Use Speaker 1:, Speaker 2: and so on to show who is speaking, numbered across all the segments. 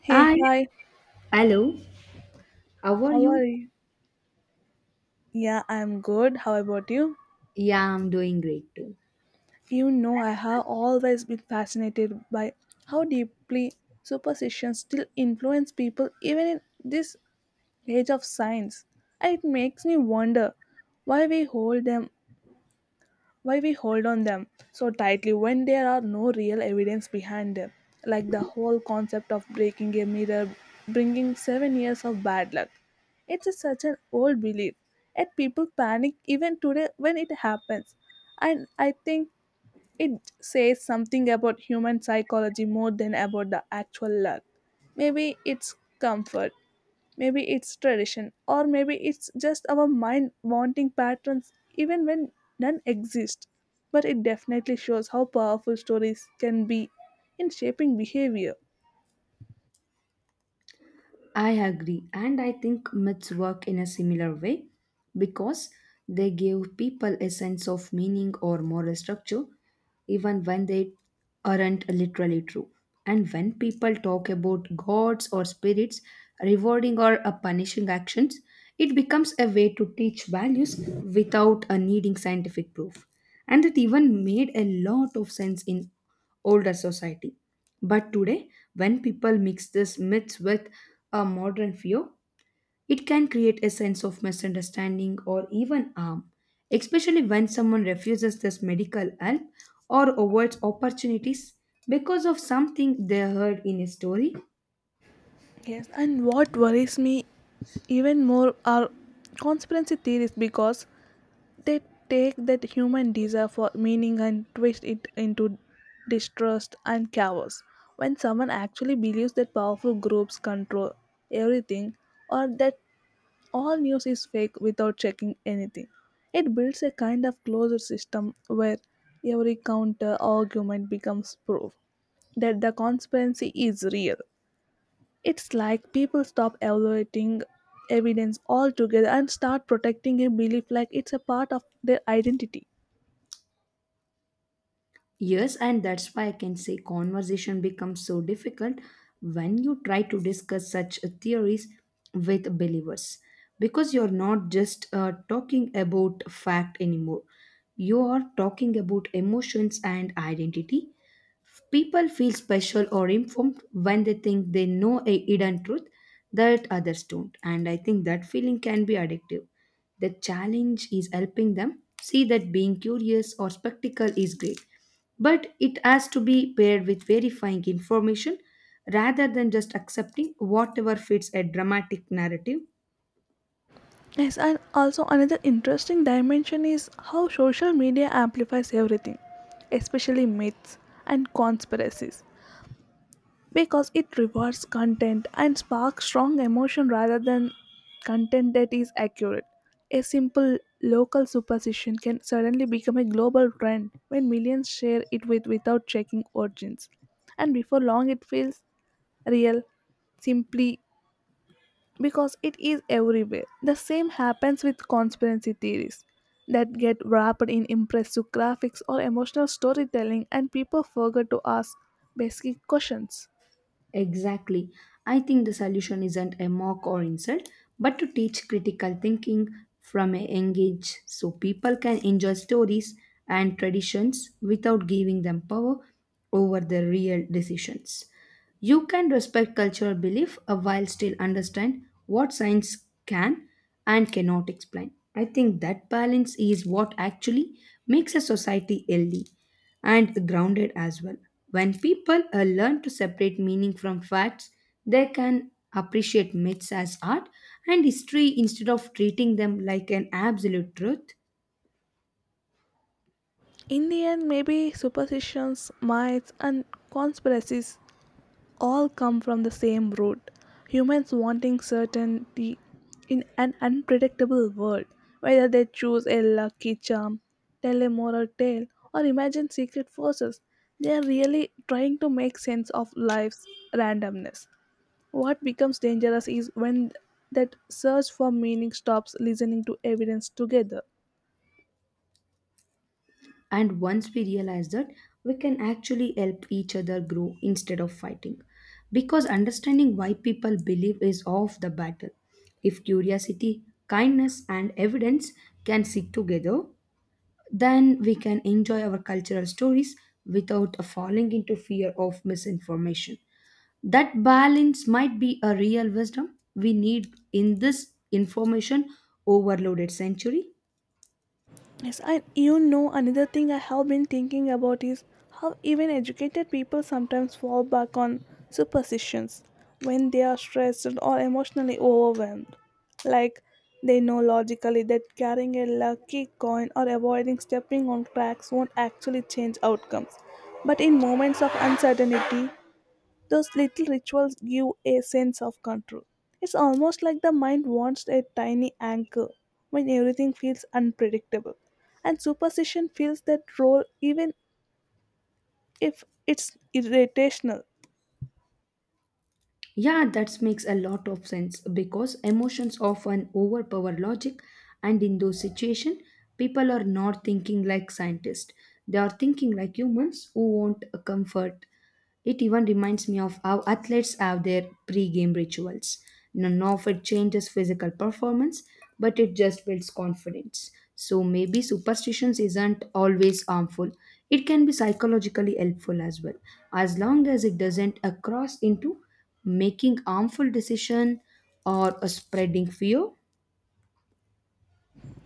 Speaker 1: Hey,
Speaker 2: Hi,
Speaker 1: hi,
Speaker 2: hello. How are
Speaker 1: how are
Speaker 2: you?
Speaker 1: you? Yeah, I'm good. How about you?
Speaker 2: Yeah, I'm doing great too.
Speaker 1: You know, I have always been fascinated by how deeply superstitions still influence people even in this age of science. And it makes me wonder why we hold them why we hold on them so tightly when there are no real evidence behind them like the whole concept of breaking a mirror bringing 7 years of bad luck. It's such an old belief yet people panic even today when it happens. And I think it says something about human psychology more than about the actual luck. Maybe it's comfort, maybe it's tradition, or maybe it's just our mind wanting patterns even when none exist. But it definitely shows how powerful stories can be in shaping behavior.
Speaker 2: I agree, and I think myths work in a similar way because they give people a sense of meaning or moral structure even when they aren't literally true. And when people talk about gods or spirits rewarding or punishing actions, it becomes a way to teach values without needing scientific proof. And it even made a lot of sense in older society, but today, when people mix these myths with a modern fear, it can create a sense of misunderstanding or even harm, especially when someone refuses this medical help or avoids opportunities because of something they heard in a story.
Speaker 1: Yes, and what worries me even more are conspiracy theories because they take that human desire for meaning and twist it into distrust and chaos. When someone actually believes that powerful groups control everything or that all news is fake without checking anything, it builds a kind of closed system where every counter argument becomes proof that the conspiracy is real. It's like people stop evaluating evidence altogether and start protecting a belief like it's a part of their identity.
Speaker 2: Yes, and that's why I can say conversation becomes so difficult when you try to discuss such theories with believers, because you're not just talking about fact anymore. You are talking about emotions and identity. People feel special or informed when they think they know a hidden truth that others don't, and I think that feeling can be addictive. The challenge is helping them see that being curious or spectacle is great, but it has to be paired with verifying information rather than just accepting whatever fits a dramatic narrative.
Speaker 1: Yes, and also another interesting dimension is how social media amplifies everything, especially myths and conspiracies. Because it rewards content and sparks strong emotion rather than content that is accurate. A simple local superstition can suddenly become a global trend when millions share it with without checking origins. And before long it feels real simply because it is everywhere. The same happens with conspiracy theories that get wrapped in impressive graphics or emotional storytelling and people forget to ask basic questions.
Speaker 2: Exactly. I think the solution isn't a mock or insult, but to teach critical thinking from a young age so people can enjoy stories and traditions without giving them power over their real decisions. You can respect cultural belief while still understand what science can and cannot explain. I think that balance is what actually makes a society healthy and grounded as well. When people learn to separate meaning from facts, they can appreciate myths as art and history instead of treating them like an absolute truth.
Speaker 1: In the end, maybe superstitions, myths, and conspiracies all come from the same root, humans wanting certainty in an unpredictable world, whether they choose a lucky charm, tell a moral tale, or imagine secret forces. They are really trying to make sense of life's randomness. What becomes dangerous is when that search for meaning stops listening to evidence together.
Speaker 2: And once we realize that, we can actually help each other grow instead of fighting. Because understanding why people believe is of the battle. If curiosity, kindness, and evidence can sit together, then we can enjoy our cultural stories without falling into fear of misinformation. That balance might be a real wisdom we need in this information overloaded century.
Speaker 1: Yes, and you know another thing I have been thinking about is how even educated people sometimes fall back on superstitions when they are stressed or emotionally overwhelmed. Like, they know logically that carrying a lucky coin or avoiding stepping on cracks won't actually change outcomes. But in moments of uncertainty, those little rituals give a sense of control. It's almost like the mind wants a tiny anchor when everything feels unpredictable. And superstition fills that role even if it's irritational.
Speaker 2: Yeah, that makes a lot of sense because emotions often overpower logic, and in those situations, people are not thinking like scientists. They are thinking like humans who want a comfort. It even reminds me of how athletes have their pre-game rituals. None of it changes physical performance, but it just builds confidence. So maybe superstitions isn't always harmful. It can be psychologically helpful as well, as long as it doesn't cross into making harmful decision or a spreading fear.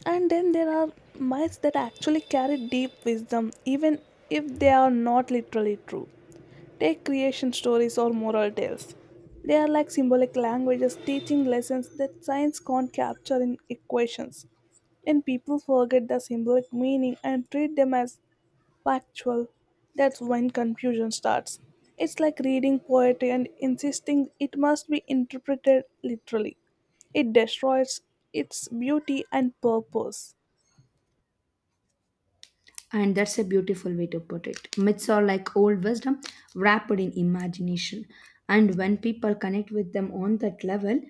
Speaker 1: And then there are myths that actually carry deep wisdom, even if they are not literally true. Take creation stories or moral tales. They are like symbolic languages teaching lessons that science can't capture in equations. And people forget the symbolic meaning and treat them as factual. That's when confusion starts. It's like reading poetry and insisting it must be interpreted literally. It destroys its beauty and purpose.
Speaker 2: And that's a beautiful way to put it. Myths are like old wisdom wrapped in imagination, and when people connect with them on that level,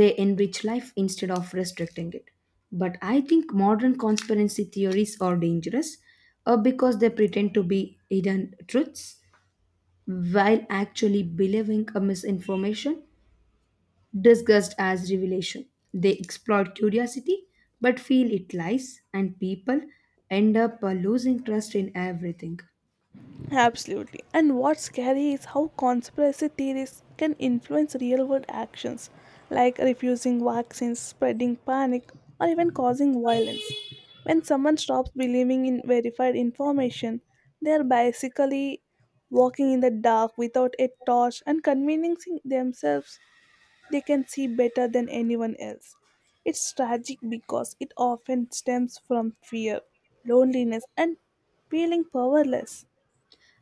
Speaker 2: they enrich life instead of restricting it. But I think modern conspiracy theories are dangerous because they pretend to be hidden truths while actually believing a misinformation disguised as revelation. They exploit curiosity but feel it lies, and people end up losing trust in everything.
Speaker 1: Absolutely. And what's scary is how conspiracy theories can influence real world actions, like refusing vaccines, spreading panic, or even causing violence. When someone stops believing in verified information, they are basically walking in the dark without a torch and convincing themselves they can see better than anyone else. It's tragic because it often stems from fear, loneliness, and feeling powerless.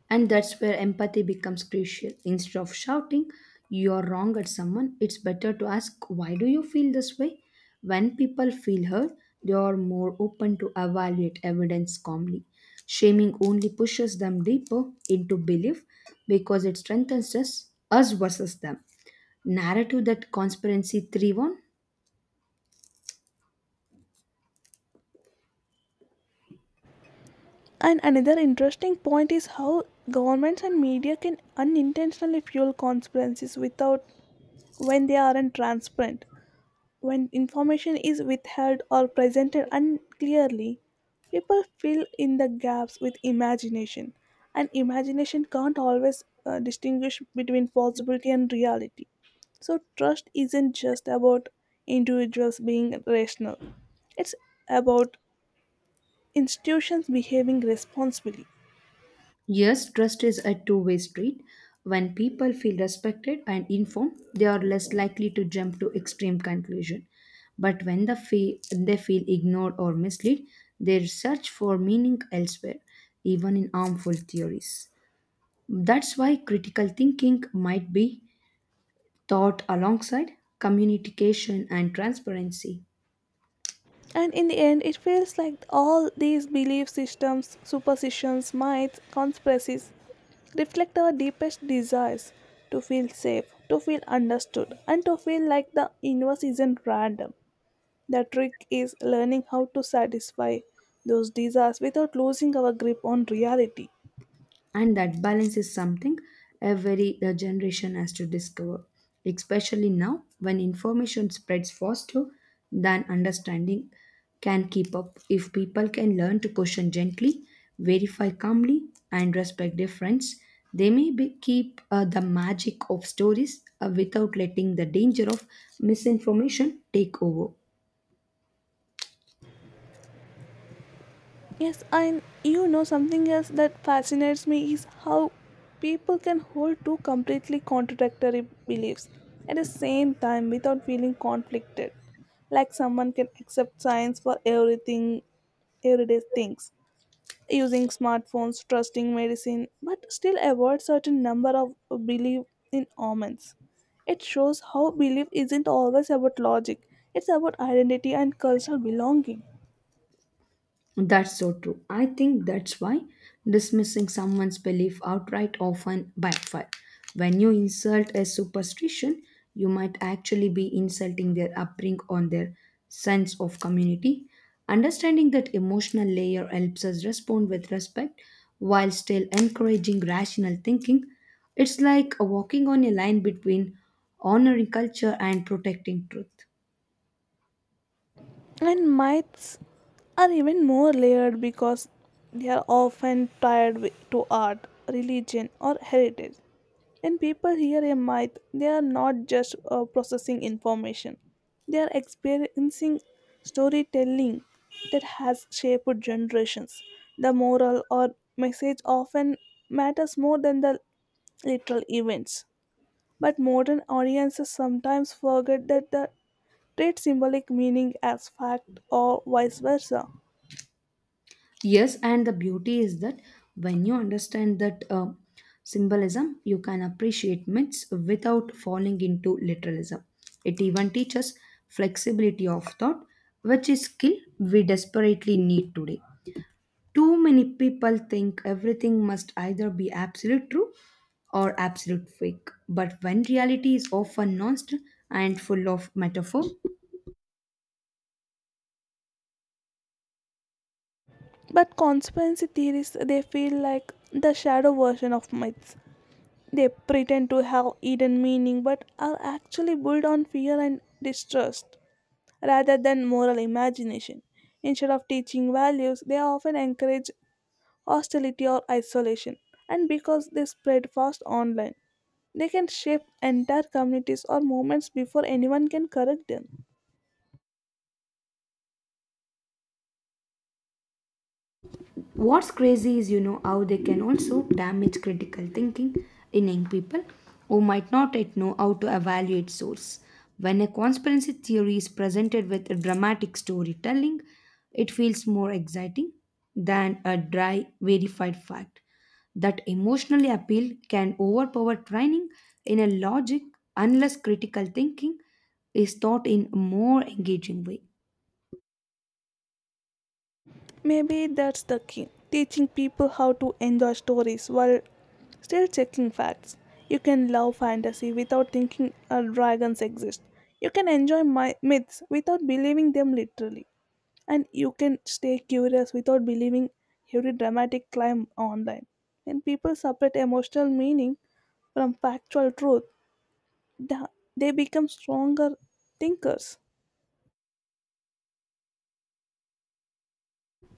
Speaker 2: And that's where empathy becomes crucial. Instead of shouting, "You're wrong" at someone, it's better to ask, "Why do you feel this way?" When people feel heard, they are more open to evaluate evidence calmly. Shaming only pushes them deeper into belief because it strengthens us versus them narrative that conspiracy thrive on.
Speaker 1: And another interesting point is how governments and media can unintentionally fuel conspiracies without when they aren't transparent. When information is withheld or presented unclearly, people fill in the gaps with imagination, and imagination can't always distinguish between possibility and reality. So, trust isn't just about individuals being rational, it's about institutions behaving responsibly.
Speaker 2: Yes, trust is a two-way street. When people feel respected and informed, they are less likely to jump to extreme conclusion. But when they feel ignored or misled, they search for meaning elsewhere, even in harmful theories. That's why critical thinking might be taught alongside communication and transparency.
Speaker 1: And in the end, it feels like all these belief systems, superstitions, myths, conspiracies reflect our deepest desires to feel safe, to feel understood, and to feel like the universe isn't random. The trick is learning how to satisfy those desires without losing our grip on reality.
Speaker 2: And that balance is something every generation has to discover, especially now when information spreads faster than understanding can keep up. If people can learn to question gently, verify calmly, and respect difference, they may be, keep the magic of stories without letting the danger of misinformation take over.
Speaker 1: Yes, and you know something else that fascinates me is how people can hold two completely contradictory beliefs at the same time without feeling conflicted. Like someone can accept science for everything, everyday things, using smartphones, trusting medicine, but still avoid certain number of belief in omens. It shows how belief isn't always about logic; it's about identity and cultural belonging.
Speaker 2: That's so true. I think that's why dismissing someone's belief outright often backfires. When you insult a superstition, you might actually be insulting their upbringing on their sense of community. Understanding that emotional layer helps us respond with respect while still encouraging rational thinking. It's like walking on a line between honoring culture and protecting truth.
Speaker 1: And myths are even more layered because they are often tied to art, religion, or heritage. When people hear a myth, they are not just processing information, they are experiencing storytelling that has shaped generations. The moral or message often matters more than the literal events. But modern audiences sometimes forget that the treat symbolic meaning as fact or vice versa.
Speaker 2: Yes, and the beauty is that when you understand that symbolism, you can appreciate myths without falling into literalism. It even teaches flexibility of thought, which is skill we desperately need today. Too many people think everything must either be absolute true or absolute fake, but when reality is often nuanced and full of metaphor.
Speaker 1: But conspiracy theories they feel like the shadow version of myths. They pretend to have hidden meaning but are actually built on fear and distrust rather than moral imagination. Instead of teaching values, they often encourage hostility or isolation. And because they spread fast online, they can shape entire communities or movements before anyone can correct them.
Speaker 2: What's crazy is, you know, how they can also damage critical thinking in young people who might not yet know how to evaluate source. When a conspiracy theory is presented with a dramatic storytelling, it feels more exciting than a dry verified fact. That emotional appeal can overpower training in a logic unless critical thinking is taught in a more engaging way.
Speaker 1: Maybe that's the key, teaching people how to enjoy stories while still checking facts. You can love fantasy without thinking dragons exist. You can enjoy myths without believing them literally. And you can stay curious without believing every dramatic climb online. When people separate emotional meaning from factual truth, th- they become stronger thinkers.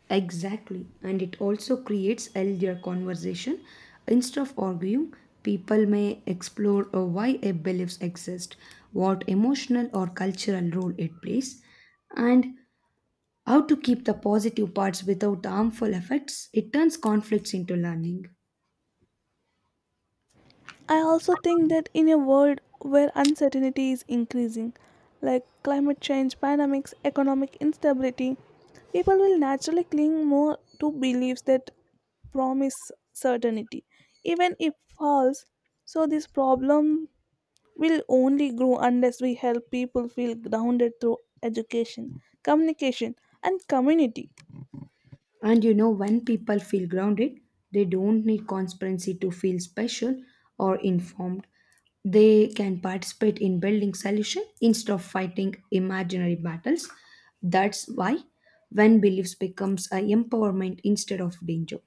Speaker 2: Exactly, and it also creates healthier conversation. Instead of arguing, people may explore why a beliefs exist, what emotional or cultural role it plays, and how to keep the positive parts without harmful effects. It turns conflicts into learning.
Speaker 1: I also think that in a world where uncertainty is increasing, like climate change, pandemics, economic instability, people will naturally cling more to beliefs that promise certainty, even if false. So, this problem will only grow unless we help people feel grounded through education, communication, and community.
Speaker 2: And you know, when people feel grounded, they don't need conspiracy to feel special or informed. They can participate in building solution instead of fighting imaginary battles. That's why when beliefs becomes a empowerment instead of danger.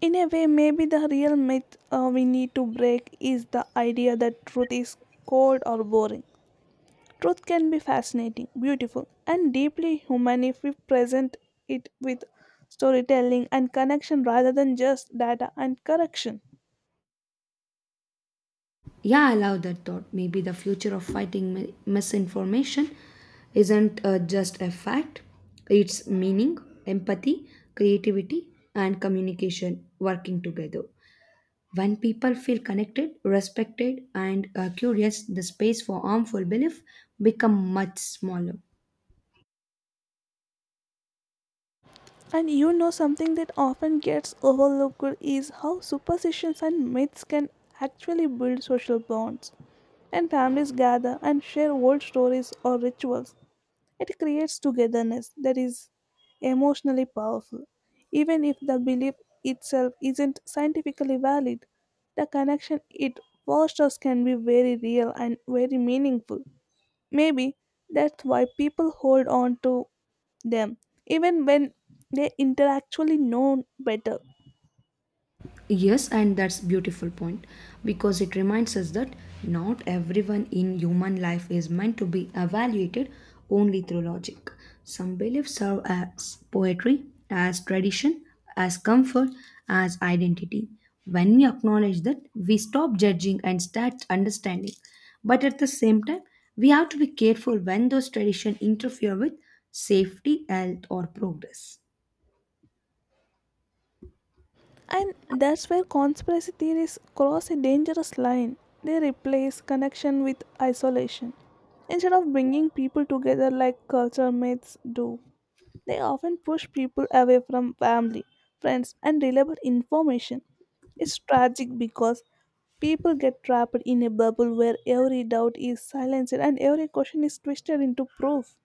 Speaker 1: In a way, maybe the real myth we need to break is the idea that truth is cold or boring. Truth can be fascinating, beautiful, and deeply human if we present it with storytelling and connection rather than just data and correction.
Speaker 2: Yeah, I love that thought. Maybe the future of fighting misinformation isn't just a fact, it's meaning, empathy, creativity, and communication working together. When people feel connected, respected, and curious, the space for harmful belief become much smaller.
Speaker 1: And you know something that often gets overlooked is how superstitions and myths can actually build social bonds. And families gather and share old stories or rituals. It creates togetherness that is emotionally powerful. Even if the belief itself isn't scientifically valid, the connection it fosters can be very real and very meaningful. Maybe that's why people hold on to them even when they intellectually know better.
Speaker 2: Yes, and that's beautiful point because it reminds us that not everyone in human life is meant to be evaluated only through logic. Some beliefs serve as poetry, as tradition, as comfort, as identity. When we acknowledge that, we stop judging and start understanding. But at the same time, we have to be careful when those traditions interfere with safety, health, or progress.
Speaker 1: And that's where conspiracy theories cross a dangerous line. They replace connection with isolation. Instead of bringing people together like culture myths do, they often push people away from family, friends, and reliable information. It's tragic because people get trapped in a bubble where every doubt is silenced and every question is twisted into proof.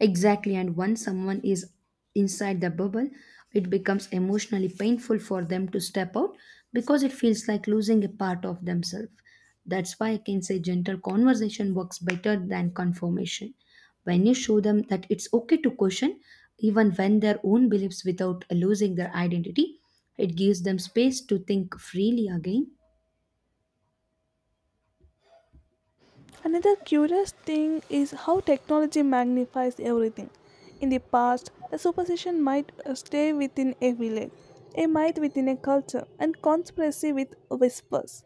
Speaker 2: Exactly, and once someone is inside the bubble, it becomes emotionally painful for them to step out because it feels like losing a part of themselves. That's why I can say gentle conversation works better than confirmation. When you show them that it's okay to question, even when their own beliefs without losing their identity, it gives them space to think freely again.
Speaker 1: Another curious thing is how technology magnifies everything. In the past, a superstition might stay within a village, a myth within a culture, and conspiracy with whispers.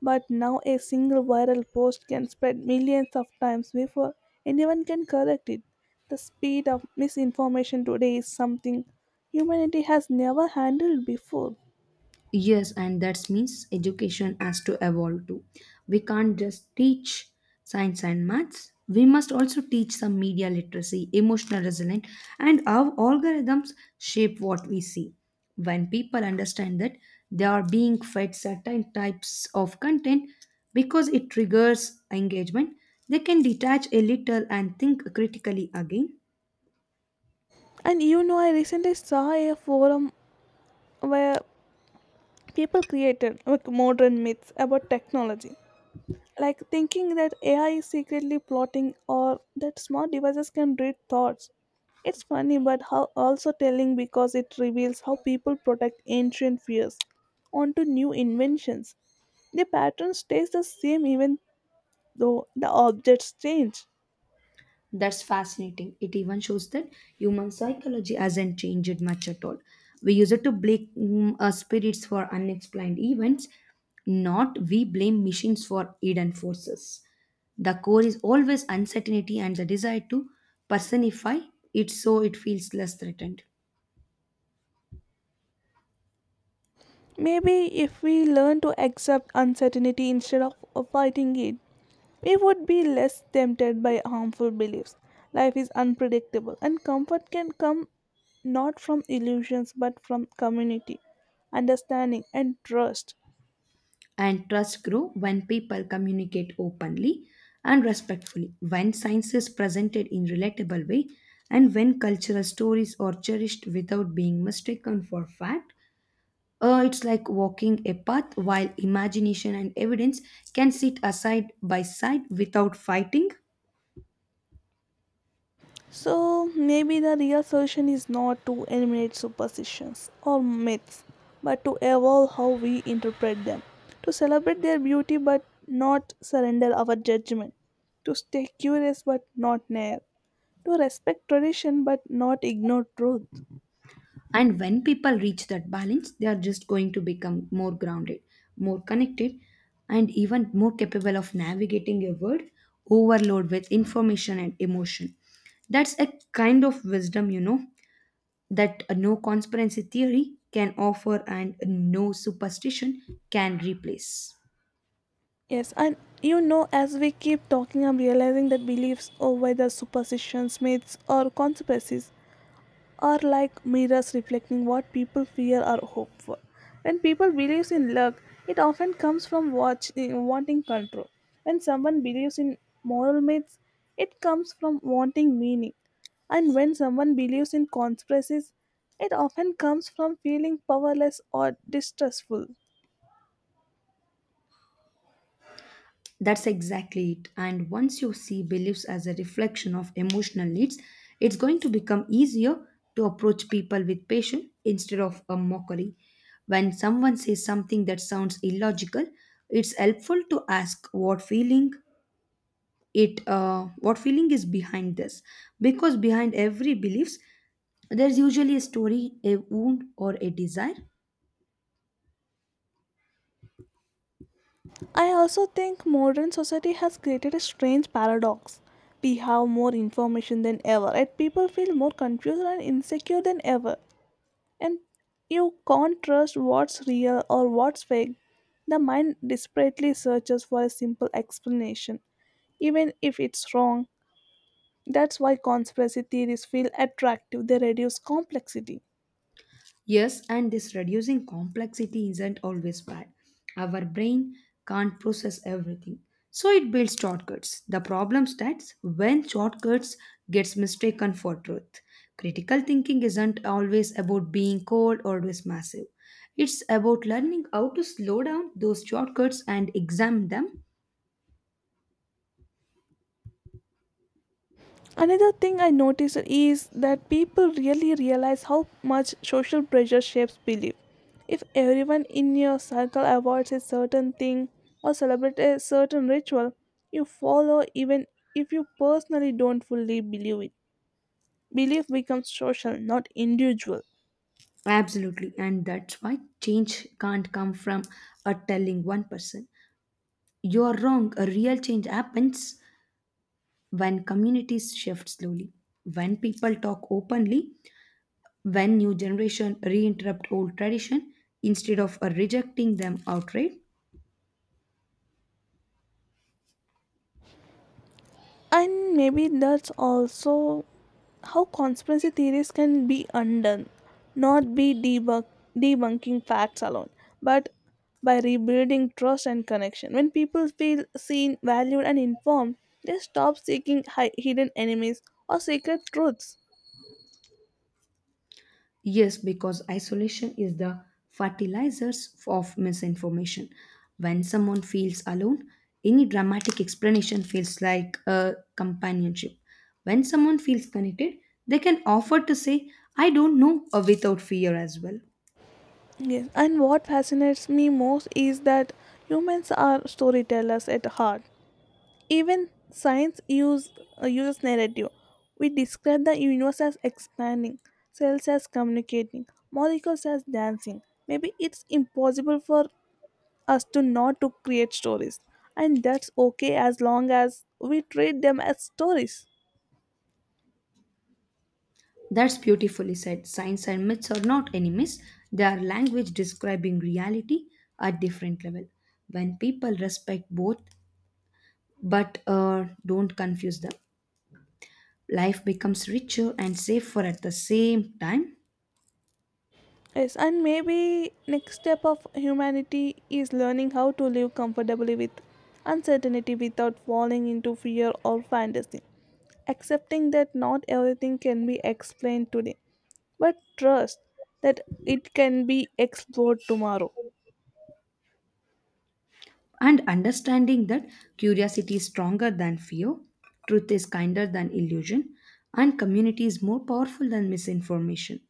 Speaker 1: But now a single viral post can spread millions of times before anyone can correct it. The speed of misinformation today is something humanity has never handled before.
Speaker 2: Yes, and that means education has to evolve too. We can't just teach science and maths. We must also teach some media literacy, emotional resilience, and how algorithms shape what we see. When people understand that they are being fed certain types of content because it triggers engagement, they can detach a little and think critically again.
Speaker 1: And you know, I recently saw a forum where people created like modern myths about technology, like thinking that AI is secretly plotting or that smart devices can read thoughts. It's funny, but how also telling because it reveals how people protect ancient fears onto new inventions. The pattern stays the same even though the objects change.
Speaker 2: That's fascinating. It even shows that human psychology hasn't changed much at all. We use it to blame spirits for unexplained events, not we blame machines for hidden forces. The core is always uncertainty and the desire to personify it so it feels less threatened.
Speaker 1: Maybe if we learn to accept uncertainty instead of fighting it, we would be less tempted by harmful beliefs. Life is unpredictable, and comfort can come not from illusions but from community, understanding, and trust.
Speaker 2: And trust grow when people communicate openly and respectfully, when science is presented in relatable way, and when cultural stories are cherished without being mistaken for fact. It's like walking a path while imagination and evidence can sit aside by side without fighting.
Speaker 1: So, maybe the real solution is not to eliminate superstitions or myths, but to evolve how we interpret them, to celebrate their beauty but not surrender our judgment, to stay curious but not naive, to respect tradition but not ignore truth.
Speaker 2: And when people reach that balance, they are just going to become more grounded, more connected, and even more capable of navigating a world overload with information and emotion. That's a kind of wisdom, you know, that a no conspiracy theory can offer and no superstition can replace.
Speaker 1: Yes, and you know, as we keep talking, I'm realizing that beliefs or whether superstitions, myths, or conspiracies are like mirrors reflecting what people fear or hope for. When people believe in luck, it often comes from wanting control. When someone believes in moral myths, it comes from wanting meaning. And when someone believes in conspiracies, it often comes from feeling powerless or distrustful.
Speaker 2: That's exactly it. And once you see beliefs as a reflection of emotional needs, it's going to become easier to approach people with patience instead of a mockery. When someone says something that sounds illogical, it's helpful to ask what feeling it what feeling is behind this, because behind every beliefs there's usually a story, a wound, or a desire.
Speaker 1: I also think modern society has created a strange paradox. We have more information than ever, and people feel more confused and insecure than ever. And you can't trust what's real or what's fake. The mind desperately searches for a simple explanation, even if it's wrong. That's why conspiracy theories feel attractive, they reduce complexity.
Speaker 2: Yes, and this reducing complexity isn't always bad. Our brain can't process everything, so it builds shortcuts. The problem starts when shortcuts gets mistaken for truth. Critical thinking isn't always about being cold or always massive. It's about learning how to slow down those shortcuts and examine them.
Speaker 1: Another thing I noticed is that people really realize how much social pressure shapes belief. If everyone in your circle avoids a certain thing or celebrates a certain ritual, you follow even if you personally don't fully believe it. Belief becomes social, not individual.
Speaker 2: Absolutely. And that's why change can't come from a telling one person, "You're wrong." A real change happens when communities shift slowly, when people talk openly, when new generation reinterrupt old tradition instead of rejecting them outright.
Speaker 1: And maybe that's also how conspiracy theories can be undone, not debunking facts alone, but by rebuilding trust and connection. When people feel seen, valued, and informed, they stop seeking hidden enemies or secret truths.
Speaker 2: Yes, because isolation is the fertilizers of misinformation. When someone feels alone, any dramatic explanation feels like a companionship. When someone feels connected, they can offer to say, "I don't know," without fear as well.
Speaker 1: Yes, and what fascinates me most is that humans are storytellers at heart. Even science uses narrative. We describe the universe as expanding, cells as communicating, molecules as dancing. Maybe it's impossible for us to not to create stories, and that's okay as long as we treat them as stories.
Speaker 2: That's beautifully said. Science and myths are not enemies, they are language describing reality at different level. When people respect both but don't confuse them, life becomes richer and safer at the same time.
Speaker 1: Yes, and maybe next step of humanity is learning how to live comfortably with uncertainty without falling into fear or fantasy. Accepting that not everything can be explained today, but trust that it can be explored tomorrow.
Speaker 2: And understanding that curiosity is stronger than fear, truth is kinder than illusion, and community is more powerful than misinformation.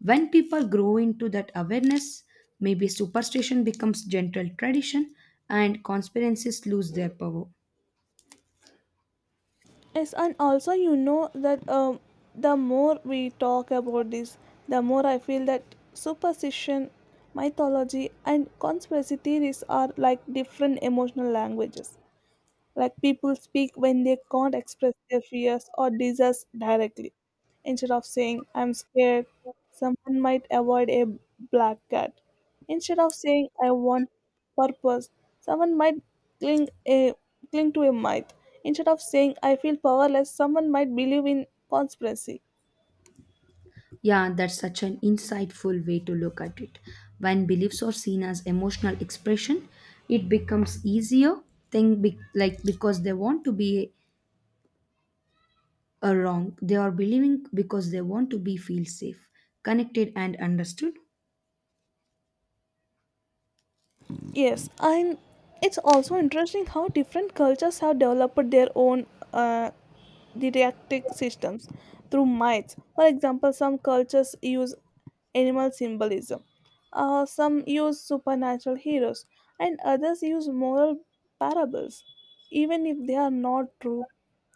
Speaker 2: When people grow into that awareness, maybe superstition becomes gentle tradition and conspiracies lose their power.
Speaker 1: Yes, and also you know that the more we talk about this, the more I feel that superstition, mythology, and conspiracy theories are like different emotional languages. Like people speak when they can't express their fears or desires directly. Instead of saying, I'm scared, someone might avoid a black cat. Instead of saying, I want purpose, someone might cling, a, cling to a myth. Instead of saying, I feel powerless, someone might believe in conspiracy.
Speaker 2: Yeah, that's such an insightful way to look at it. When beliefs are seen as emotional expression, it becomes easier like because they want to be are wrong. They are believing because they want to be feel safe, connected and understood.
Speaker 1: Yes, and it's also interesting how different cultures have developed their own uh, didactic systems through myths. For example, some cultures use animal symbolism, some use supernatural heroes, and others use moral parables. Even if they are not true,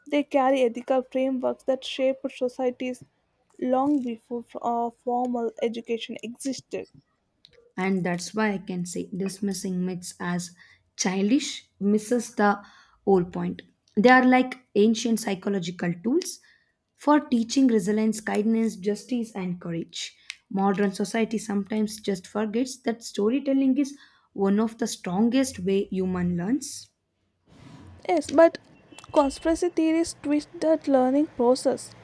Speaker 1: they carry ethical frameworks that shaped societies long before formal education existed.
Speaker 2: And that's why I can say dismissing myths as childish misses the whole point. They are like ancient psychological tools for teaching resilience, kindness, justice, and courage. Modern society sometimes just forgets that storytelling is one of the strongest way human learns.
Speaker 1: Yes, but conspiracy theories twist the learning process.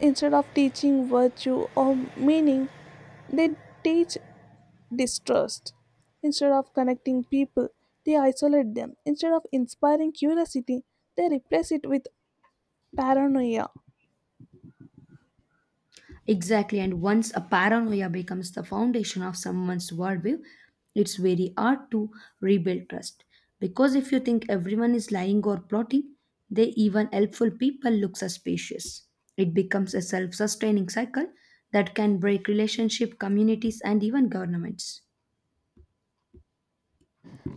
Speaker 1: Instead of teaching virtue or meaning, they teach distrust. Instead of connecting people, they isolate them. Instead of inspiring curiosity, they replace it with paranoia.
Speaker 2: Exactly, and once a paranoia becomes the foundation of someone's worldview, it's very hard to rebuild trust. Because if you think everyone is lying or plotting, they even helpful people look suspicious. It becomes a self sustaining cycle that can break relationship, communities, and even governments.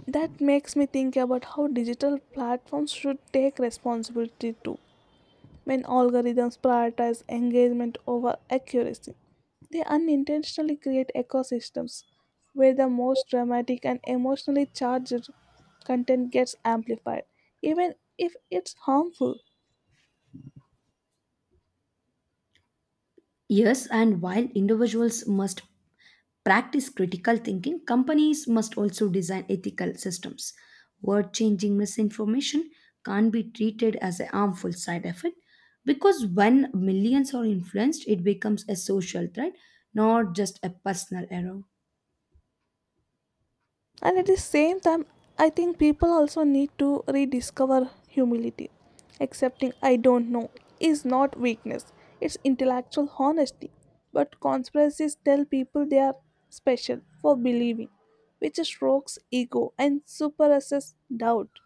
Speaker 1: That makes me think about how digital platforms should take responsibility too. When algorithms prioritize engagement over accuracy, they unintentionally create ecosystems where the most dramatic and emotionally charged content gets amplified, even if it's harmful.
Speaker 2: Yes, and while individuals must practice critical thinking, companies must also design ethical systems. Word changing misinformation can't be treated as a harmful side effect because when millions are influenced, it becomes a social threat, not just a personal error.
Speaker 1: And at the same time I think people also need to rediscover humility. Accepting I don't know is not weakness, it's intellectual honesty. But conspiracies tell people they are special for believing, which strokes ego and suppresses doubt.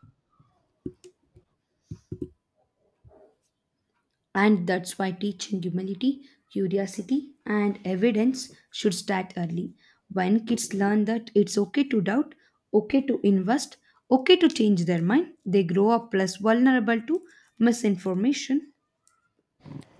Speaker 2: And that's why teaching humility, curiosity, and evidence should start early. When kids learn that it's okay to doubt, okay to invest, okay to change their mind, they grow up less vulnerable to misinformation.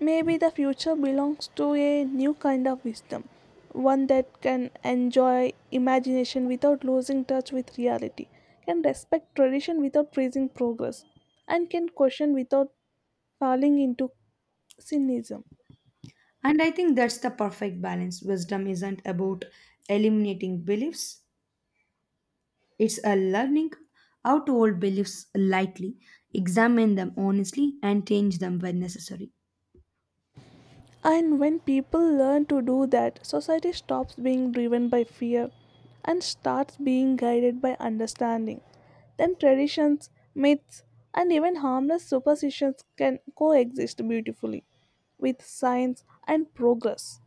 Speaker 1: Maybe the future belongs to a new kind of wisdom, one that can enjoy imagination without losing touch with reality, can respect tradition without freezing progress, and can question without falling into cynicism.
Speaker 2: And I think that's the perfect balance. Wisdom isn't about eliminating beliefs, it's a learning how to hold beliefs lightly, examine them honestly, and change them when necessary.
Speaker 1: And when people learn to do that, society stops being driven by fear and starts being guided by understanding. Then traditions, myths, and even harmless superstitions can coexist beautifully with science and progress.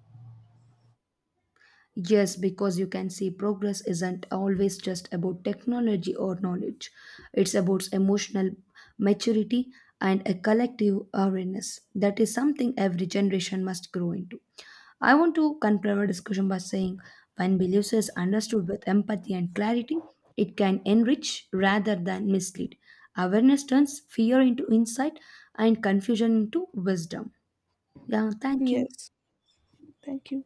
Speaker 2: Yes, because you can see progress isn't always just about technology or knowledge. It's about emotional maturity and a collective awareness. That is something every generation must grow into. I want to conclude our discussion by saying when beliefs is understood with empathy and clarity, it can enrich rather than mislead. Awareness turns fear into insight and confusion into wisdom. Yeah, thank you.
Speaker 1: Yes, thank you.